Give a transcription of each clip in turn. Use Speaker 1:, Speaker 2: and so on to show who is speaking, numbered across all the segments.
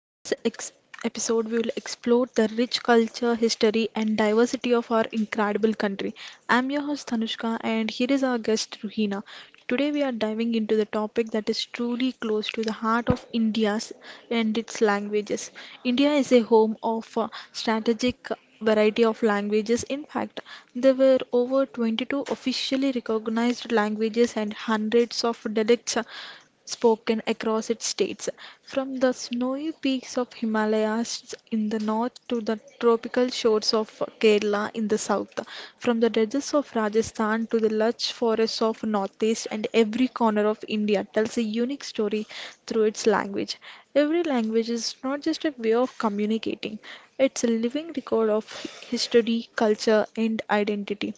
Speaker 1: In this episode we will explore the rich culture, history and diversity of our incredible country. I'm your host Tanushka and here is our guest Ruhina. Today we are diving into the topic that is truly close to the heart of India's and its languages. India is a home of strategic variety of languages. In fact, there were over 22 officially recognized languages and hundreds of dialects, spoken across its states, from the snowy peaks of Himalayas in the north to the tropical shores of Kerala in the south, from the deserts of Rajasthan to the lush forests of northeast, and every corner of India tells a unique story through its language. Every language is not just a way of communicating, it's a living record of history, culture, and identity.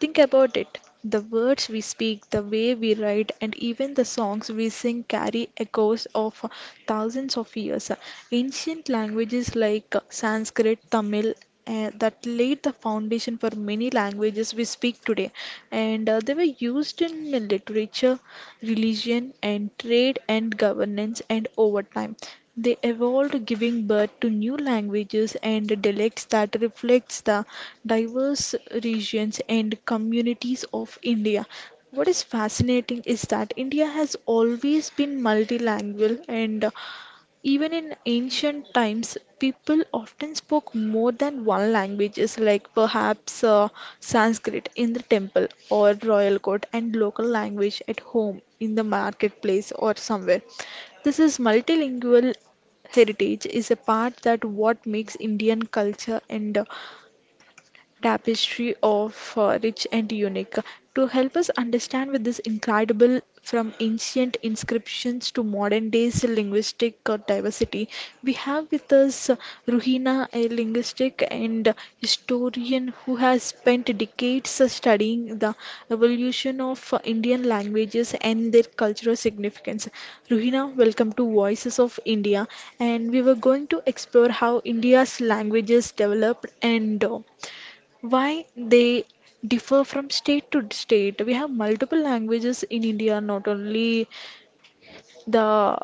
Speaker 1: Think about it. The words we speak, the way we write, and even the songs we sing carry echoes of thousands of years. Ancient languages like Sanskrit, Tamil, that laid the foundation for many languages we speak today, and they were used in literature, religion, and trade and governance, and over time, they evolved, giving birth to new languages and dialects that reflects the diverse regions and communities of India. What is fascinating is that India has always been multilingual, and even in ancient times, people often spoke more than one languages, like perhaps Sanskrit in the temple or royal court, and local language at home, in the marketplace, or somewhere. This is multilingual heritage is a part that what makes Indian culture and tapestry of rich and unique. To help us understand with this incredible from ancient inscriptions to modern days linguistic diversity, we have with us Ruhina, a linguistic and historian who has spent decades studying the evolution of Indian languages and their cultural significance. Ruhina, welcome to Voices of India, and we were going to explore how India's languages developed and why they differ from state to state. We have multiple languages in India, not only the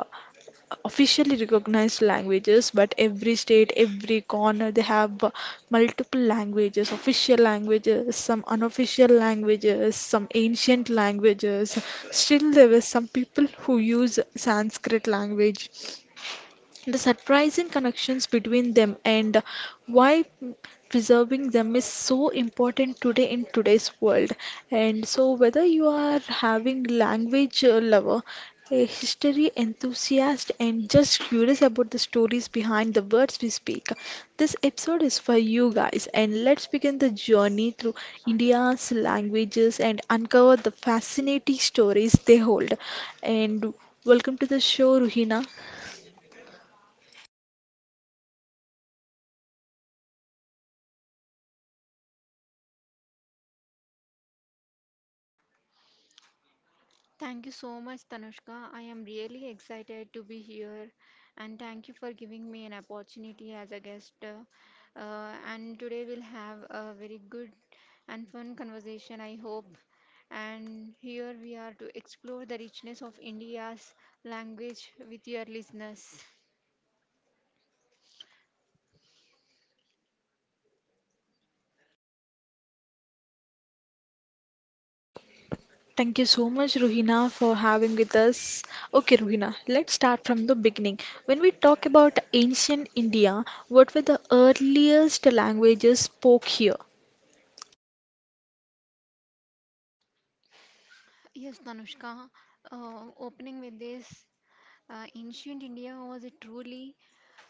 Speaker 1: officially recognized languages, but every state, every corner, they have multiple languages, official languages, some unofficial languages, some ancient languages. Still, there were some people who use Sanskrit language. The surprising connections between them and why preserving them is so important today in today's world. And so, whether you are having language lover, a history enthusiast, and just curious about the stories behind the words we speak, this episode is for you guys. And let's begin the journey through India's languages and uncover the fascinating stories they hold. And welcome to the show, Ruhina.
Speaker 2: Thank you so much, Tanushka. I am really excited to be here and thank you for giving me an opportunity as a guest. And today we'll have a very good and fun conversation, I hope. And here we are to explore the richness of India's language with your listeners.
Speaker 1: Thank you so much, Ruhina, for having with us. Okay, Ruhina, let's start from the beginning. When we talk about ancient India, what were the earliest languages spoke here?
Speaker 2: Yes, Tanushka, opening with this. Ancient India was a truly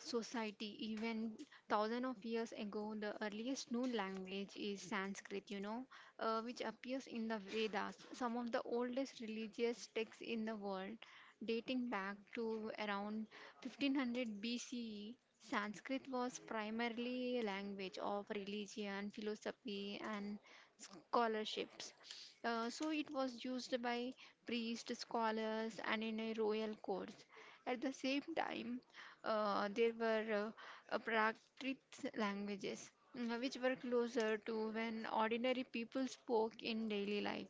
Speaker 2: society. Even thousands of years ago, the earliest known language is Sanskrit, you know, which appears in the Vedas, some of the oldest religious texts in the world. Dating back to around 1500 BCE, Sanskrit was primarily a language of religion, philosophy, and scholarships. So it was used by priests, scholars, and in a royal courts. At the same time, there were Prakrit languages, which were closer to when ordinary people spoke in daily life.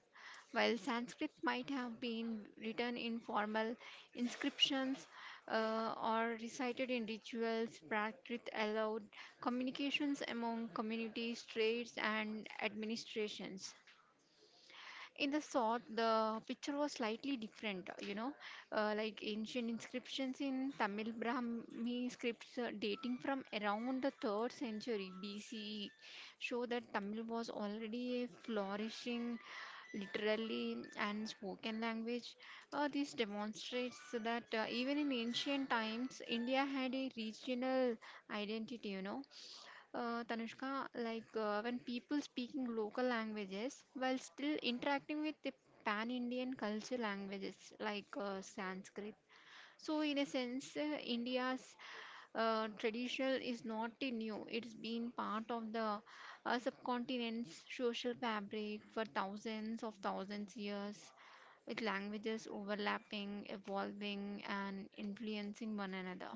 Speaker 2: While Sanskrit might have been written in formal inscriptions or recited in rituals, Prakrit allowed communications among communities, trades, and administrations. In the sort, the picture was slightly different, you know, like ancient inscriptions in Tamil Brahmi scripts dating from around the 3rd century BCE show that Tamil was already a flourishing literally and spoken language. This demonstrates that even in ancient times, India had a regional identity, you know. Tanushka, like when people speaking local languages while still interacting with the pan-Indian culture languages like Sanskrit. So in a sense, India's traditional is not a new. It's been part of the subcontinent's social fabric for thousands of thousands years, with languages overlapping, evolving, and influencing one another.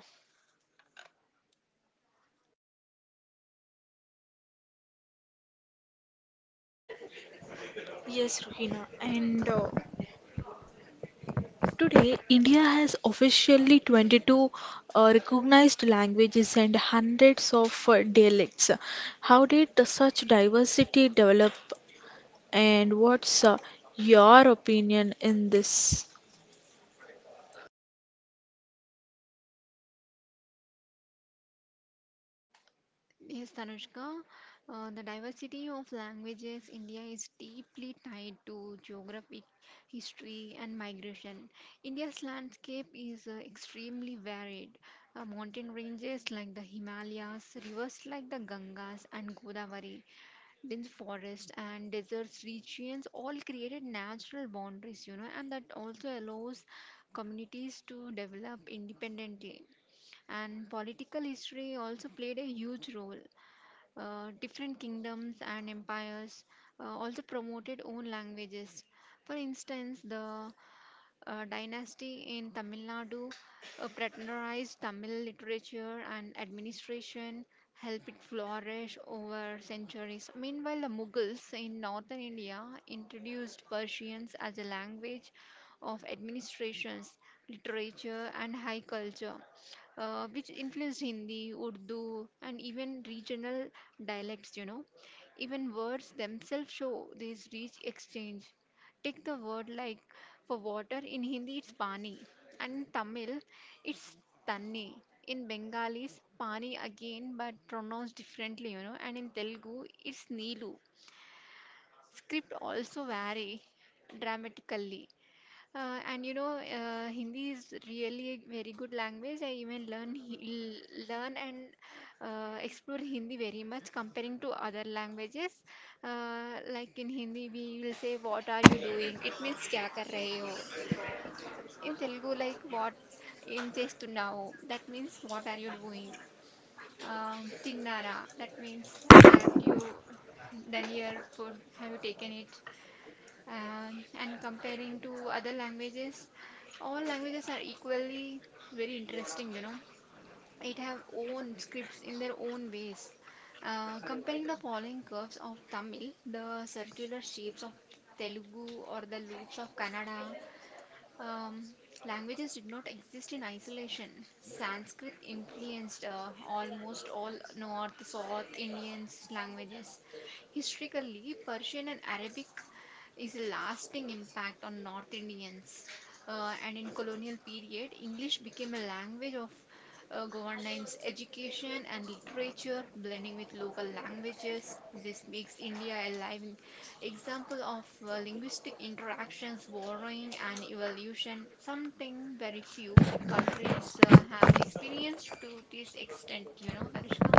Speaker 1: Yes, Ruhina. And today, India has officially 22 recognized languages and hundreds of dialects. How did such diversity develop, and what's your opinion in this?
Speaker 2: Yes, Tanushka, the diversity of languages India is deeply tied to geographic history and migration. India's landscape is extremely varied. Mountain ranges like the Himalayas, rivers like the Gangas and Godavari, dense forests and deserts regions all created natural boundaries, you know, and that also allows communities to develop independently. And political history also played a huge role. Different kingdoms and empires also promoted own languages. For instance, the dynasty in Tamil Nadu patronized Tamil literature and administration, helped it flourish over centuries. Meanwhile, the Mughals in northern India introduced Persians as a language of administrations, literature, and high culture, which influenced Hindi, Urdu, and even regional dialects, you know. Even words themselves show this rich exchange. Take the word like for water in Hindi it's pani and in Tamil it's tanni. In Bengali it's pani again but pronounced differently, you know, and in Telugu it's neelu. Script also vary dramatically. Hindi is really a very good language. I even learn and explore Hindi very much comparing to other languages. Like in Hindi, we will say, "What are you doing?" It means "क्या कर रहे हो?" In Telugu, like what ఏం చేస్తున్నావు? That means what are you doing? తిన్నారా? That means had you done your food? Have you taken it? Um, and comparing to other languages, all languages are equally very interesting, you know. It have own scripts in their own ways. Comparing the following curves of Tamil, the circular shapes of Telugu or the loops of Kannada, um, languages did not exist in isolation. Sanskrit influenced almost all North, South Indians' languages. Historically, Persian and Arabic is a lasting impact on North Indians. And in colonial period, English became a language of governance, education, and literature, blending with local languages. This makes India a living, Example of linguistic interactions, borrowing and evolution, something very few countries have experienced to this extent, you know, Tanishka?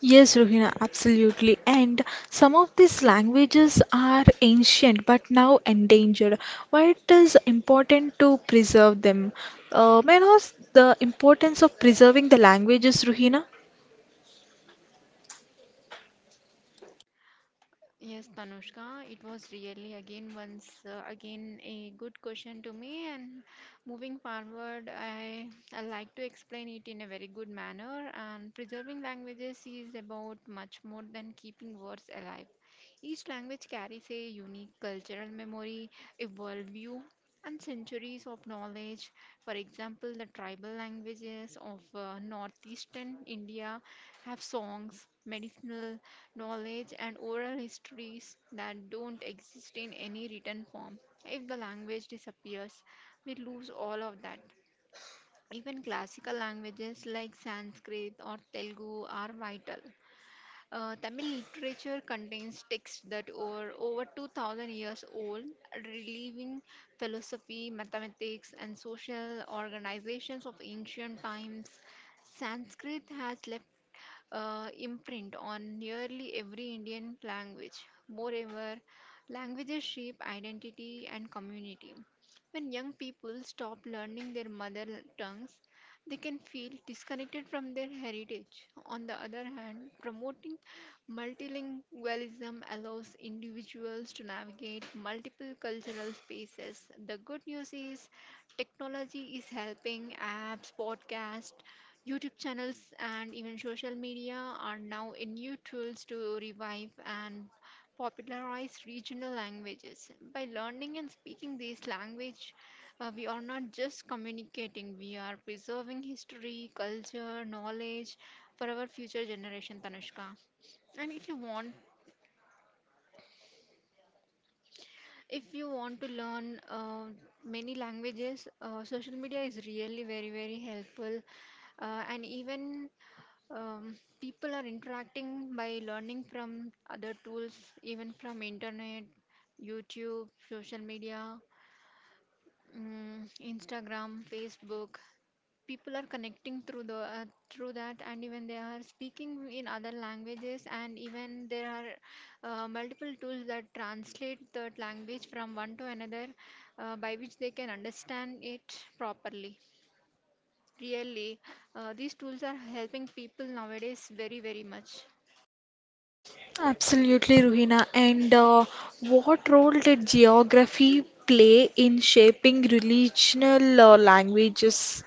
Speaker 1: Yes, Rohina, absolutely. And some of these languages are ancient but now endangered. Why it is important to preserve them? May I know the importance of preserving the languages, Rohina?
Speaker 2: Yes, Tanushka, it was really again once again a good question to me. And moving forward, I like to explain it in a very good manner. And preserving languages is about much more than keeping words alive. Each language carries a unique cultural memory, a worldview, and centuries of knowledge. For example, the tribal languages of northeastern India have songs, medicinal knowledge and oral histories that don't exist in any written form. If the language disappears, we lose all of that. Even classical languages like Sanskrit or Telugu are vital. Tamil literature contains texts that are over 2000 years old, relieving philosophy, mathematics, and social organizations of ancient times. Sanskrit has left imprint on nearly every Indian language. Moreover, languages shape identity and community. When young people stop learning their mother tongues, they can feel disconnected from their heritage. On the other hand, promoting multilingualism allows individuals to navigate multiple cultural spaces. The good news is technology is helping apps, podcasts, YouTube channels and even social media are now in new tools to revive and popularize regional languages. By learning and speaking these language, we are not just communicating, we are preserving history, culture, knowledge for our future generation, Tanushka. And if you want to learn many languages, social media is really very, very helpful. And even um, People are interacting by learning from other tools even from internet youtube social media, instagram facebook, people are connecting through the through that, and even they are speaking in other languages, and even there are multiple tools that translate that language from one to another, by which they can understand it properly, really. These tools are helping people nowadays very, very much.
Speaker 1: Absolutely, Ruhina. And what role did geography play in shaping regional languages?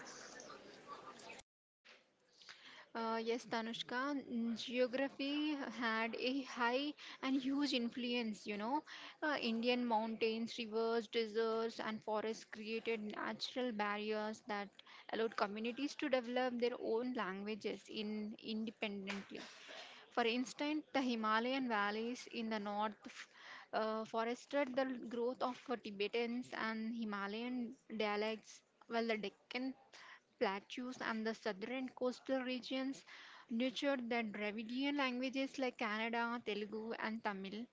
Speaker 2: Yes, Tanushka, geography had a high and huge influence, you know. Indian mountains, rivers, deserts, and forests created natural barriers that allowed communities to develop their own languages in independently. For instance, the Himalayan valleys in the north fostered the growth of Tibetans and Himalayan dialects, while the Deccan plateaus and the southern coastal regions nurtured the Dravidian languages like Kannada, Telugu, and Tamil.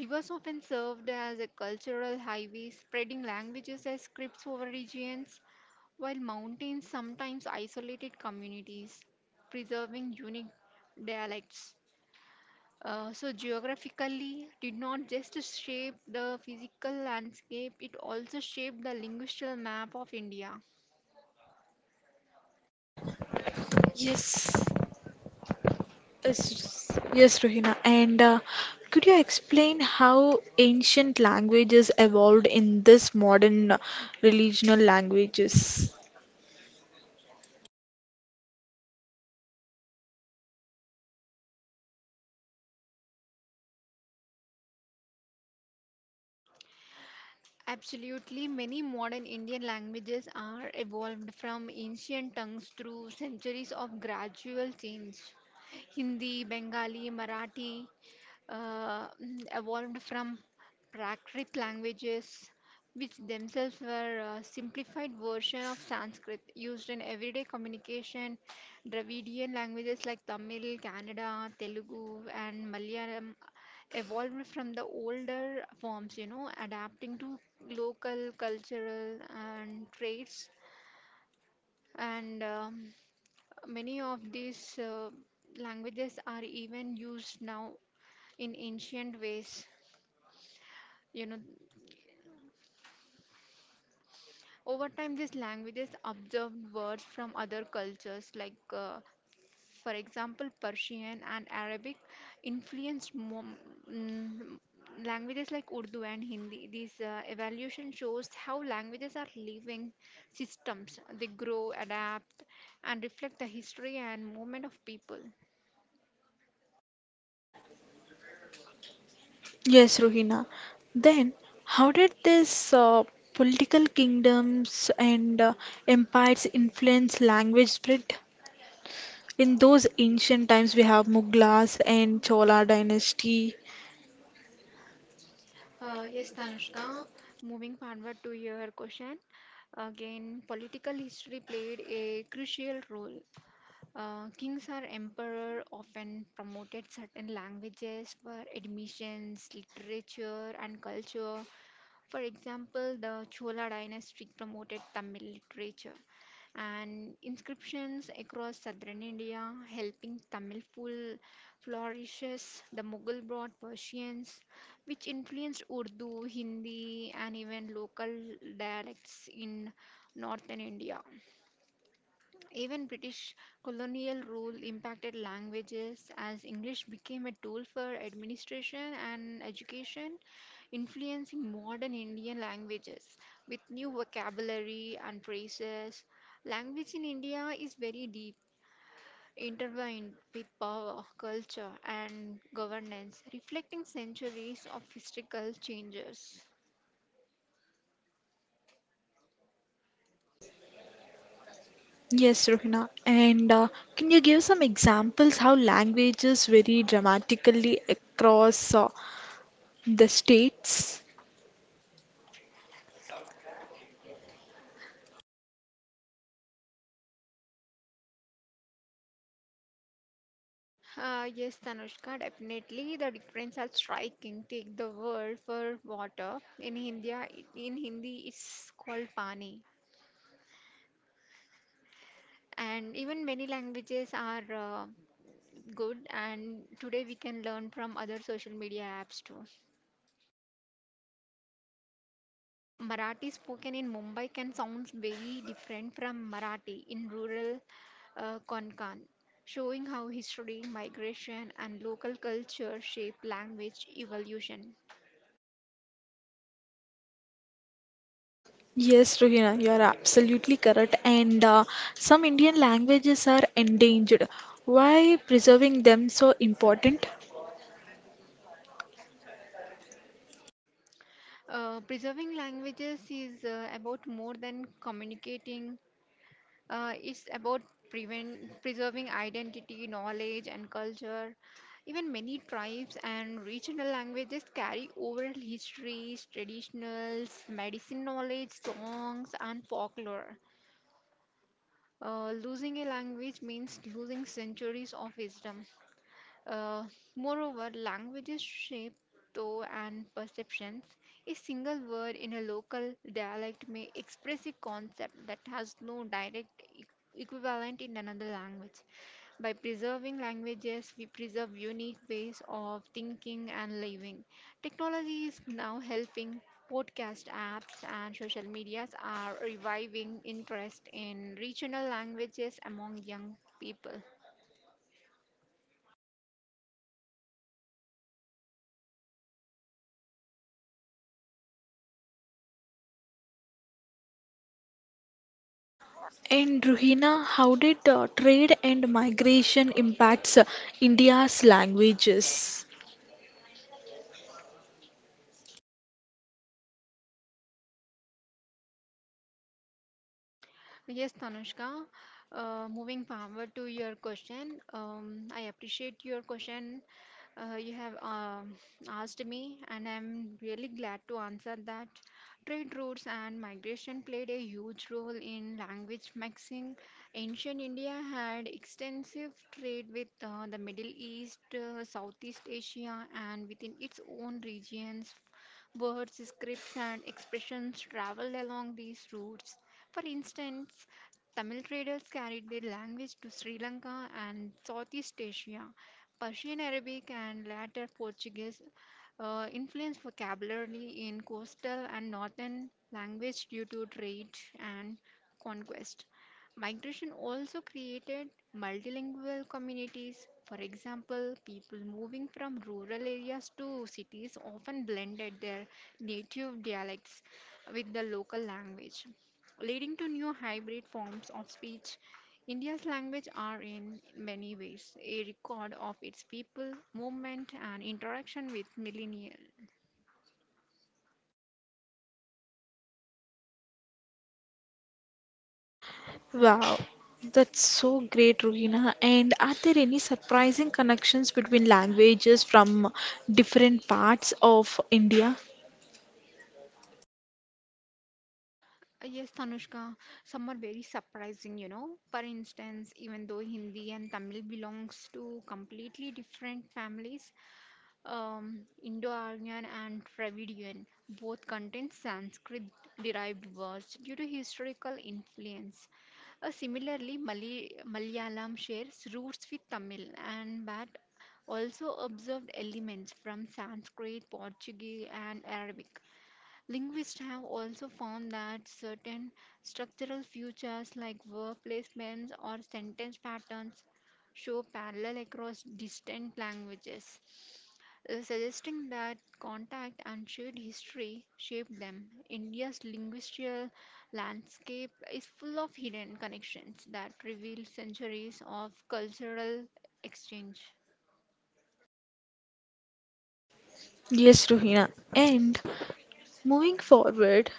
Speaker 2: Rivers often served as a cultural highways, spreading languages as scripts over regions, while mountains sometimes isolated communities, preserving unique dialects. So geographically did not just shape the physical landscape, it also shaped the linguistic map of India.
Speaker 1: Yes, yes, Rohina. And could you explain how ancient languages evolved in this modern regional languages?
Speaker 2: Absolutely, many modern Indian languages are evolved from ancient tongues through centuries of gradual change. Hindi, Bengali, Marathi evolved from Prakrit languages, which themselves were a simplified version of Sanskrit used in everyday communication. Dravidian languages like Tamil, Kannada, Telugu, and Malayalam evolved from the older forms, you know, adapting to local cultural and traits. And many of these languages are even used now in ancient ways, you know. Over time, these languages absorbed words from other cultures, like, for example, Persian and Arabic influenced mm, languages like Urdu and Hindi. This evolution shows how languages are living systems. They grow, adapt, and reflect the history and movement of people.
Speaker 1: Yes, Rohina. Then, how did these political kingdoms and empires influence language spread? In those ancient times, we have Mughals and Chola dynasty.
Speaker 2: Yes, Tanushka, moving forward to your question. Again, political history played a crucial role. Kings or emperor often promoted certain languages for admissions, literature, and culture. For example, the Chola dynasty promoted Tamil literature and inscriptions across southern India, helping Tamil full flourishes. The Mughal brought Persians, which influenced Urdu, Hindi, and even local dialects in northern India. Even British colonial rule impacted languages as English became a tool for administration and education, influencing modern Indian languages with new vocabulary and phrases. Language in India is very deep, intertwined with power, culture, and governance, reflecting centuries of historical changes.
Speaker 1: Yes, Rohina. And can you give some examples how languages vary dramatically across the states?
Speaker 2: Yes, Tanushka, definitely. The difference are striking. Take the word for water. In India, in Hindi, it's called pani. And even many languages are good. And today we can learn from other social media apps too. Marathi spoken in Mumbai can sound very different from Marathi in rural Konkan, showing how history, migration, and local culture shape language evolution.
Speaker 1: Yes, Rohina, you are absolutely correct. And some Indian languages are endangered. Why preserving them so important?
Speaker 2: Preserving languages is about more than communicating. It's about preserving identity, knowledge, and culture. Even many tribes and regional languages carry oral histories, traditionals, medicine knowledge, songs, and folklore. Losing a language means losing centuries of wisdom. Uh, moreover, languages shape tone and perceptions. A single word in a local dialect may express a concept that has no direct equivalent in another language. By preserving languages, we preserve unique ways of thinking and living. Technology is now helping. Podcast apps and social medias are reviving interest in regional languages among young people.
Speaker 1: And Rohina, how did trade and migration impacts India's languages?
Speaker 2: Yes, Tanushka. Moving forward to your question, I appreciate your question. You have asked me, and I'm really glad to answer that. Trade routes and migration played a huge role in language mixing. Ancient India had extensive trade with the Middle East, Southeast Asia, and within its own regions, words, scripts, and expressions traveled along these routes. For instance, Tamil traders carried their language to Sri Lanka and Southeast Asia. Persian Arabic and later Portuguese influenced vocabulary in coastal and northern language due to trade and conquest. Migration also created multilingual communities. For example, people moving from rural areas to cities often blended their native dialects with the local language, leading to new hybrid forms of speech. India's language are in many ways a record of its people, movement, and interaction with millennial.
Speaker 1: Wow, that's so great, Ruhina. And are there any surprising connections between languages from different parts of India?
Speaker 2: Yes, Tanushka, some are very surprising, you know. For instance, even though Hindi and Tamil belongs to completely different families, Indo-Aryan and Dravidian both contain Sanskrit-derived words due to historical influence. Similarly, Malayalam shares roots with Tamil and but also observed elements from Sanskrit, Portuguese, and Arabic. Linguists have also found that certain structural features like verb placements or sentence patterns show parallel across distant languages, suggesting that contact and shared history shaped them. India's linguistic landscape is full of hidden connections that reveal centuries of cultural exchange.
Speaker 1: Yes, Ruhina. And moving forward,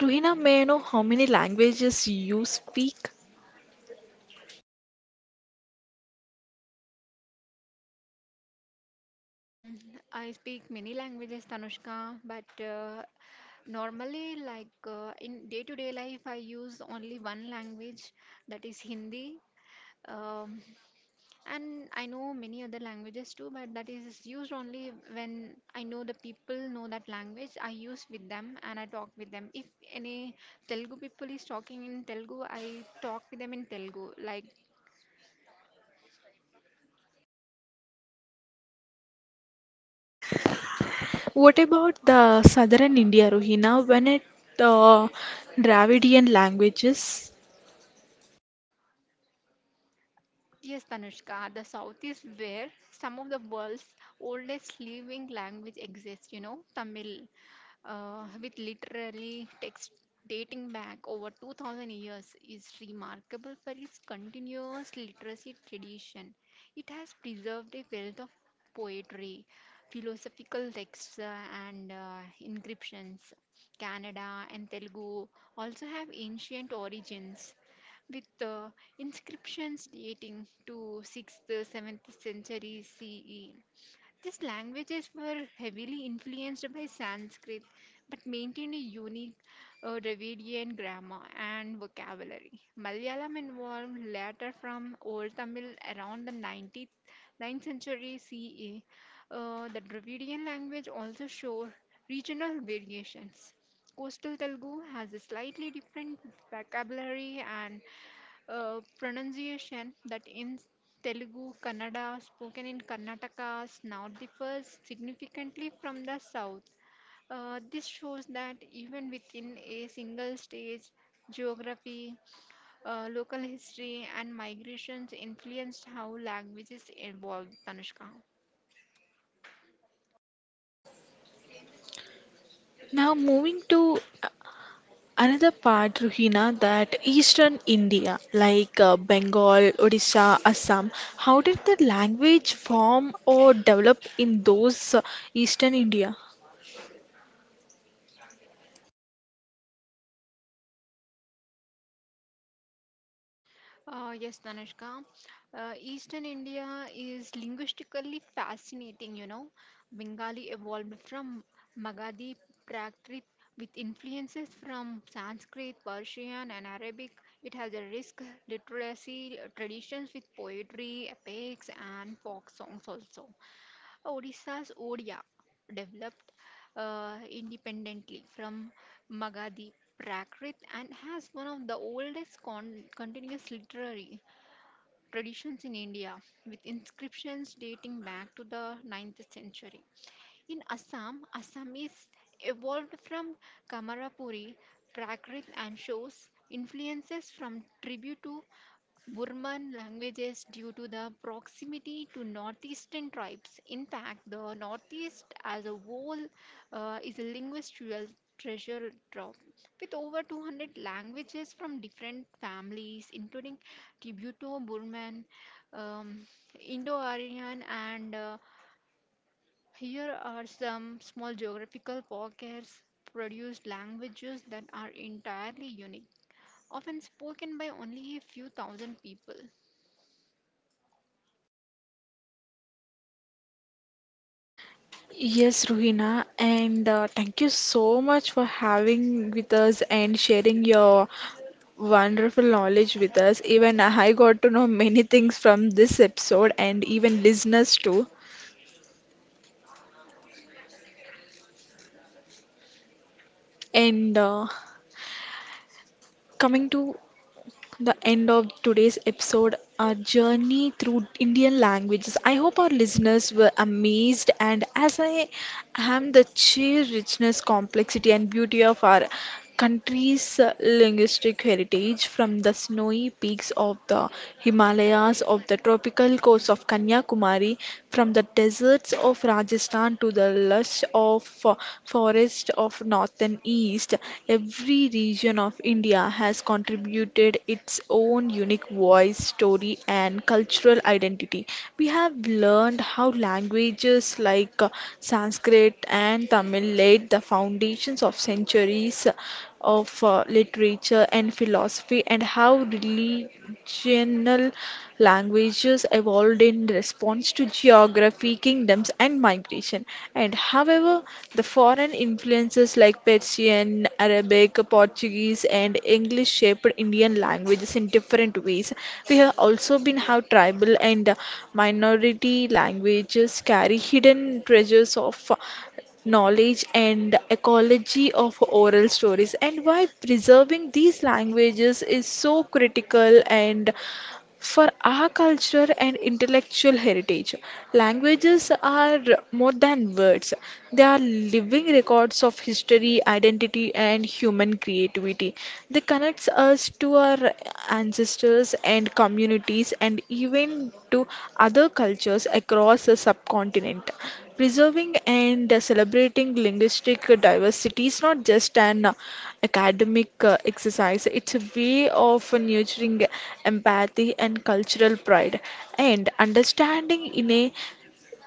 Speaker 1: Ruhina, may I know how many languages you speak?
Speaker 2: Mm, I speak many languages, Tanushka, but normally, like, in day-to-day life, I use only one language, that is Hindi. Um, and I know many other languages too, but that is used only when I know the people know that language. I use with them and I talk with them. If any Telugu people is talking in Telugu, I talk with them in Telugu. Like
Speaker 1: What about the southern India, Ruhina, when it uh, Dravidian languages?
Speaker 2: yes, Tanushka, the South is where some of the world's oldest living language exists, you know. Tamil, with literally text dating back over 2000 years is remarkable for its continuous literacy tradition. It has preserved a wealth of poetry, philosophical texts, and inscriptions. Kannada and Telugu also have ancient origins with inscriptions dating to 6th, 7th century CE. These languages were heavily influenced by Sanskrit but maintained a unique Dravidian grammar and vocabulary. Malayalam evolved later from Old Tamil around the 19th 9th century CE. The Dravidian language also showed regional variations. Coastal Telugu has a slightly different vocabulary and pronunciation that in Telugu, Kannada, spoken in Karnataka, now differs significantly from the south. This shows that even within a single state, geography, local history, and migrations influenced how languages evolve, Tanushka.
Speaker 1: Now moving to another part, Ruhina, that Eastern India, like Bengal, Odisha, Assam, how did the language form or develop in those Eastern India?
Speaker 2: Yes, Danushka. Eastern India is linguistically fascinating, you know. Bengali evolved from Magadhi Prakrit with influences from Sanskrit, Persian, and Arabic. It has a rich literacy traditions with poetry, epics, and folk songs also. Odisha's Odia developed independently from Magadhi Prakrit and has one of the oldest continuous literary traditions in India, with inscriptions dating back to the 9th century. In Assam, Assamese evolved from Kamarapuri Prakrit and shows influences from tribute to Burman languages due to the proximity to northeastern tribes. In fact, the northeast as a whole is a linguistical treasure trove with over 200 languages from different families, including Tibeto Burman, um, Indo Aryan, and here are some small geographical pockets produced languages that are entirely unique, often spoken by only a few thousand people.
Speaker 1: Yes, Ruhina, and thank you so much for having with us and sharing your wonderful knowledge with us. Even I got to know many things from this episode and even listeners too. And coming to the end of today's episode, our journey through Indian languages. I hope our listeners were amazed and as I and the sheer richness, complexity, and beauty of our country's linguistic heritage, from the snowy peaks of the Himalayas, of the tropical coast of Kanyakumari, from the deserts of Rajasthan to the lush of forest of north and east, every region of India has contributed its own unique voice, story, and cultural identity. We have learned how languages like Sanskrit and Tamil laid the foundations of centuries of literature and philosophy, and how religional languages evolved in response to geography, kingdoms, and migration. And however, the foreign influences like Persian, Arabic, Portuguese, and English shaped Indian languages in different ways. We have also been how tribal and minority languages carry hidden treasures of knowledge and ecology of oral stories, and why preserving these languages is so critical and for our culture and intellectual heritage, languages are more than words. They are living records of history, identity, and human creativity. They connect us to our ancestors and communities and even to other cultures across the subcontinent. Preserving and celebrating linguistic diversity is not just an academic exercise. It's a way of nurturing empathy and cultural pride and understanding in a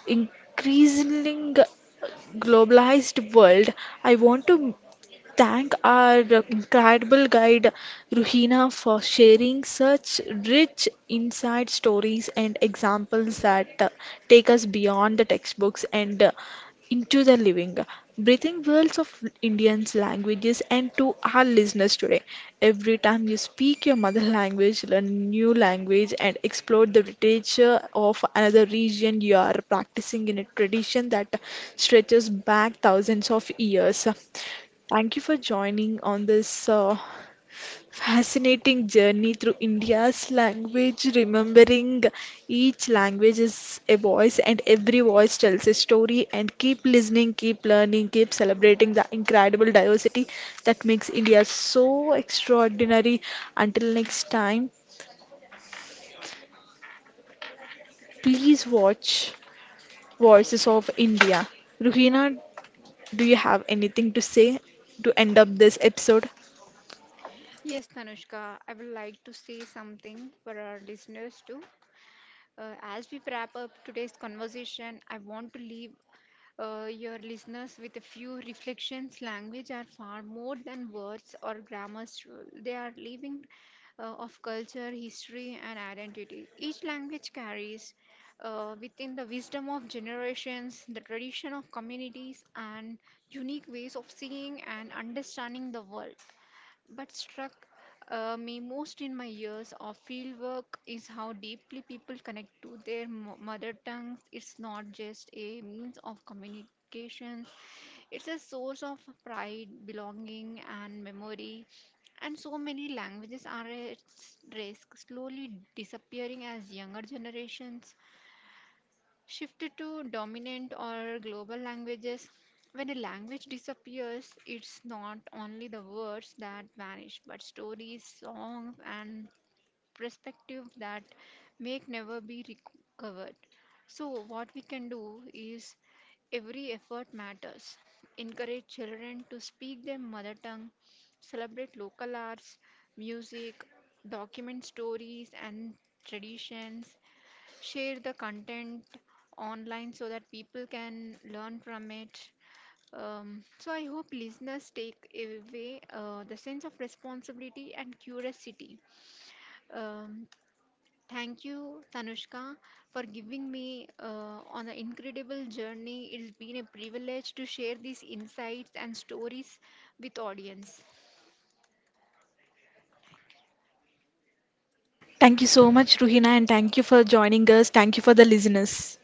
Speaker 1: increasingly globalized world. I want to thank our incredible guide Ruhina for sharing such rich inside stories and examples that take us beyond the textbooks and into the living, breathing worlds of Indians' languages, and to our listeners today. Every time you speak your mother language, learn a new language, and explore the literature of another region, you are practicing in a tradition that stretches back thousands of years. Thank you for joining on this. Fascinating journey through India's language, remembering each language is a voice, and every voice tells a story. And keep listening, keep learning, keep celebrating the incredible diversity that makes India so extraordinary. Until next time, please watch Voices of India. Ruhina, do you have anything to say to end up this episode?
Speaker 2: Yes, Tanushka, I would like to say something for our listeners too. As we wrap up today's conversation, I want to leave your listeners with a few reflections. Language are far more than words or grammars, they are living of culture, history, and identity. Each language carries within the wisdom of generations, the tradition of communities, and unique ways of seeing and understanding the world. But struck me most in my years of fieldwork is how deeply people connect to their mother tongues. It's not just a means of communication, it's a source of pride, belonging, and memory. And so many languages are at risk, slowly disappearing as younger generations shifted to dominant or global languages. When a language disappears, it's not only the words that vanish, but stories, songs, and perspective that may never be recovered. So, what we can do is every effort matters. Encourage children to speak their mother tongue, celebrate local arts, music, document stories and traditions, share the content online so that people can learn from it. So I hope listeners take away the sense of responsibility and curiosity. Um, Thank you, Tanushka, for giving me on an incredible journey. It's been a privilege to share these insights and stories with audience.
Speaker 1: Thank you so much, Ruhina, and thank you for joining us. Thank you for the listeners.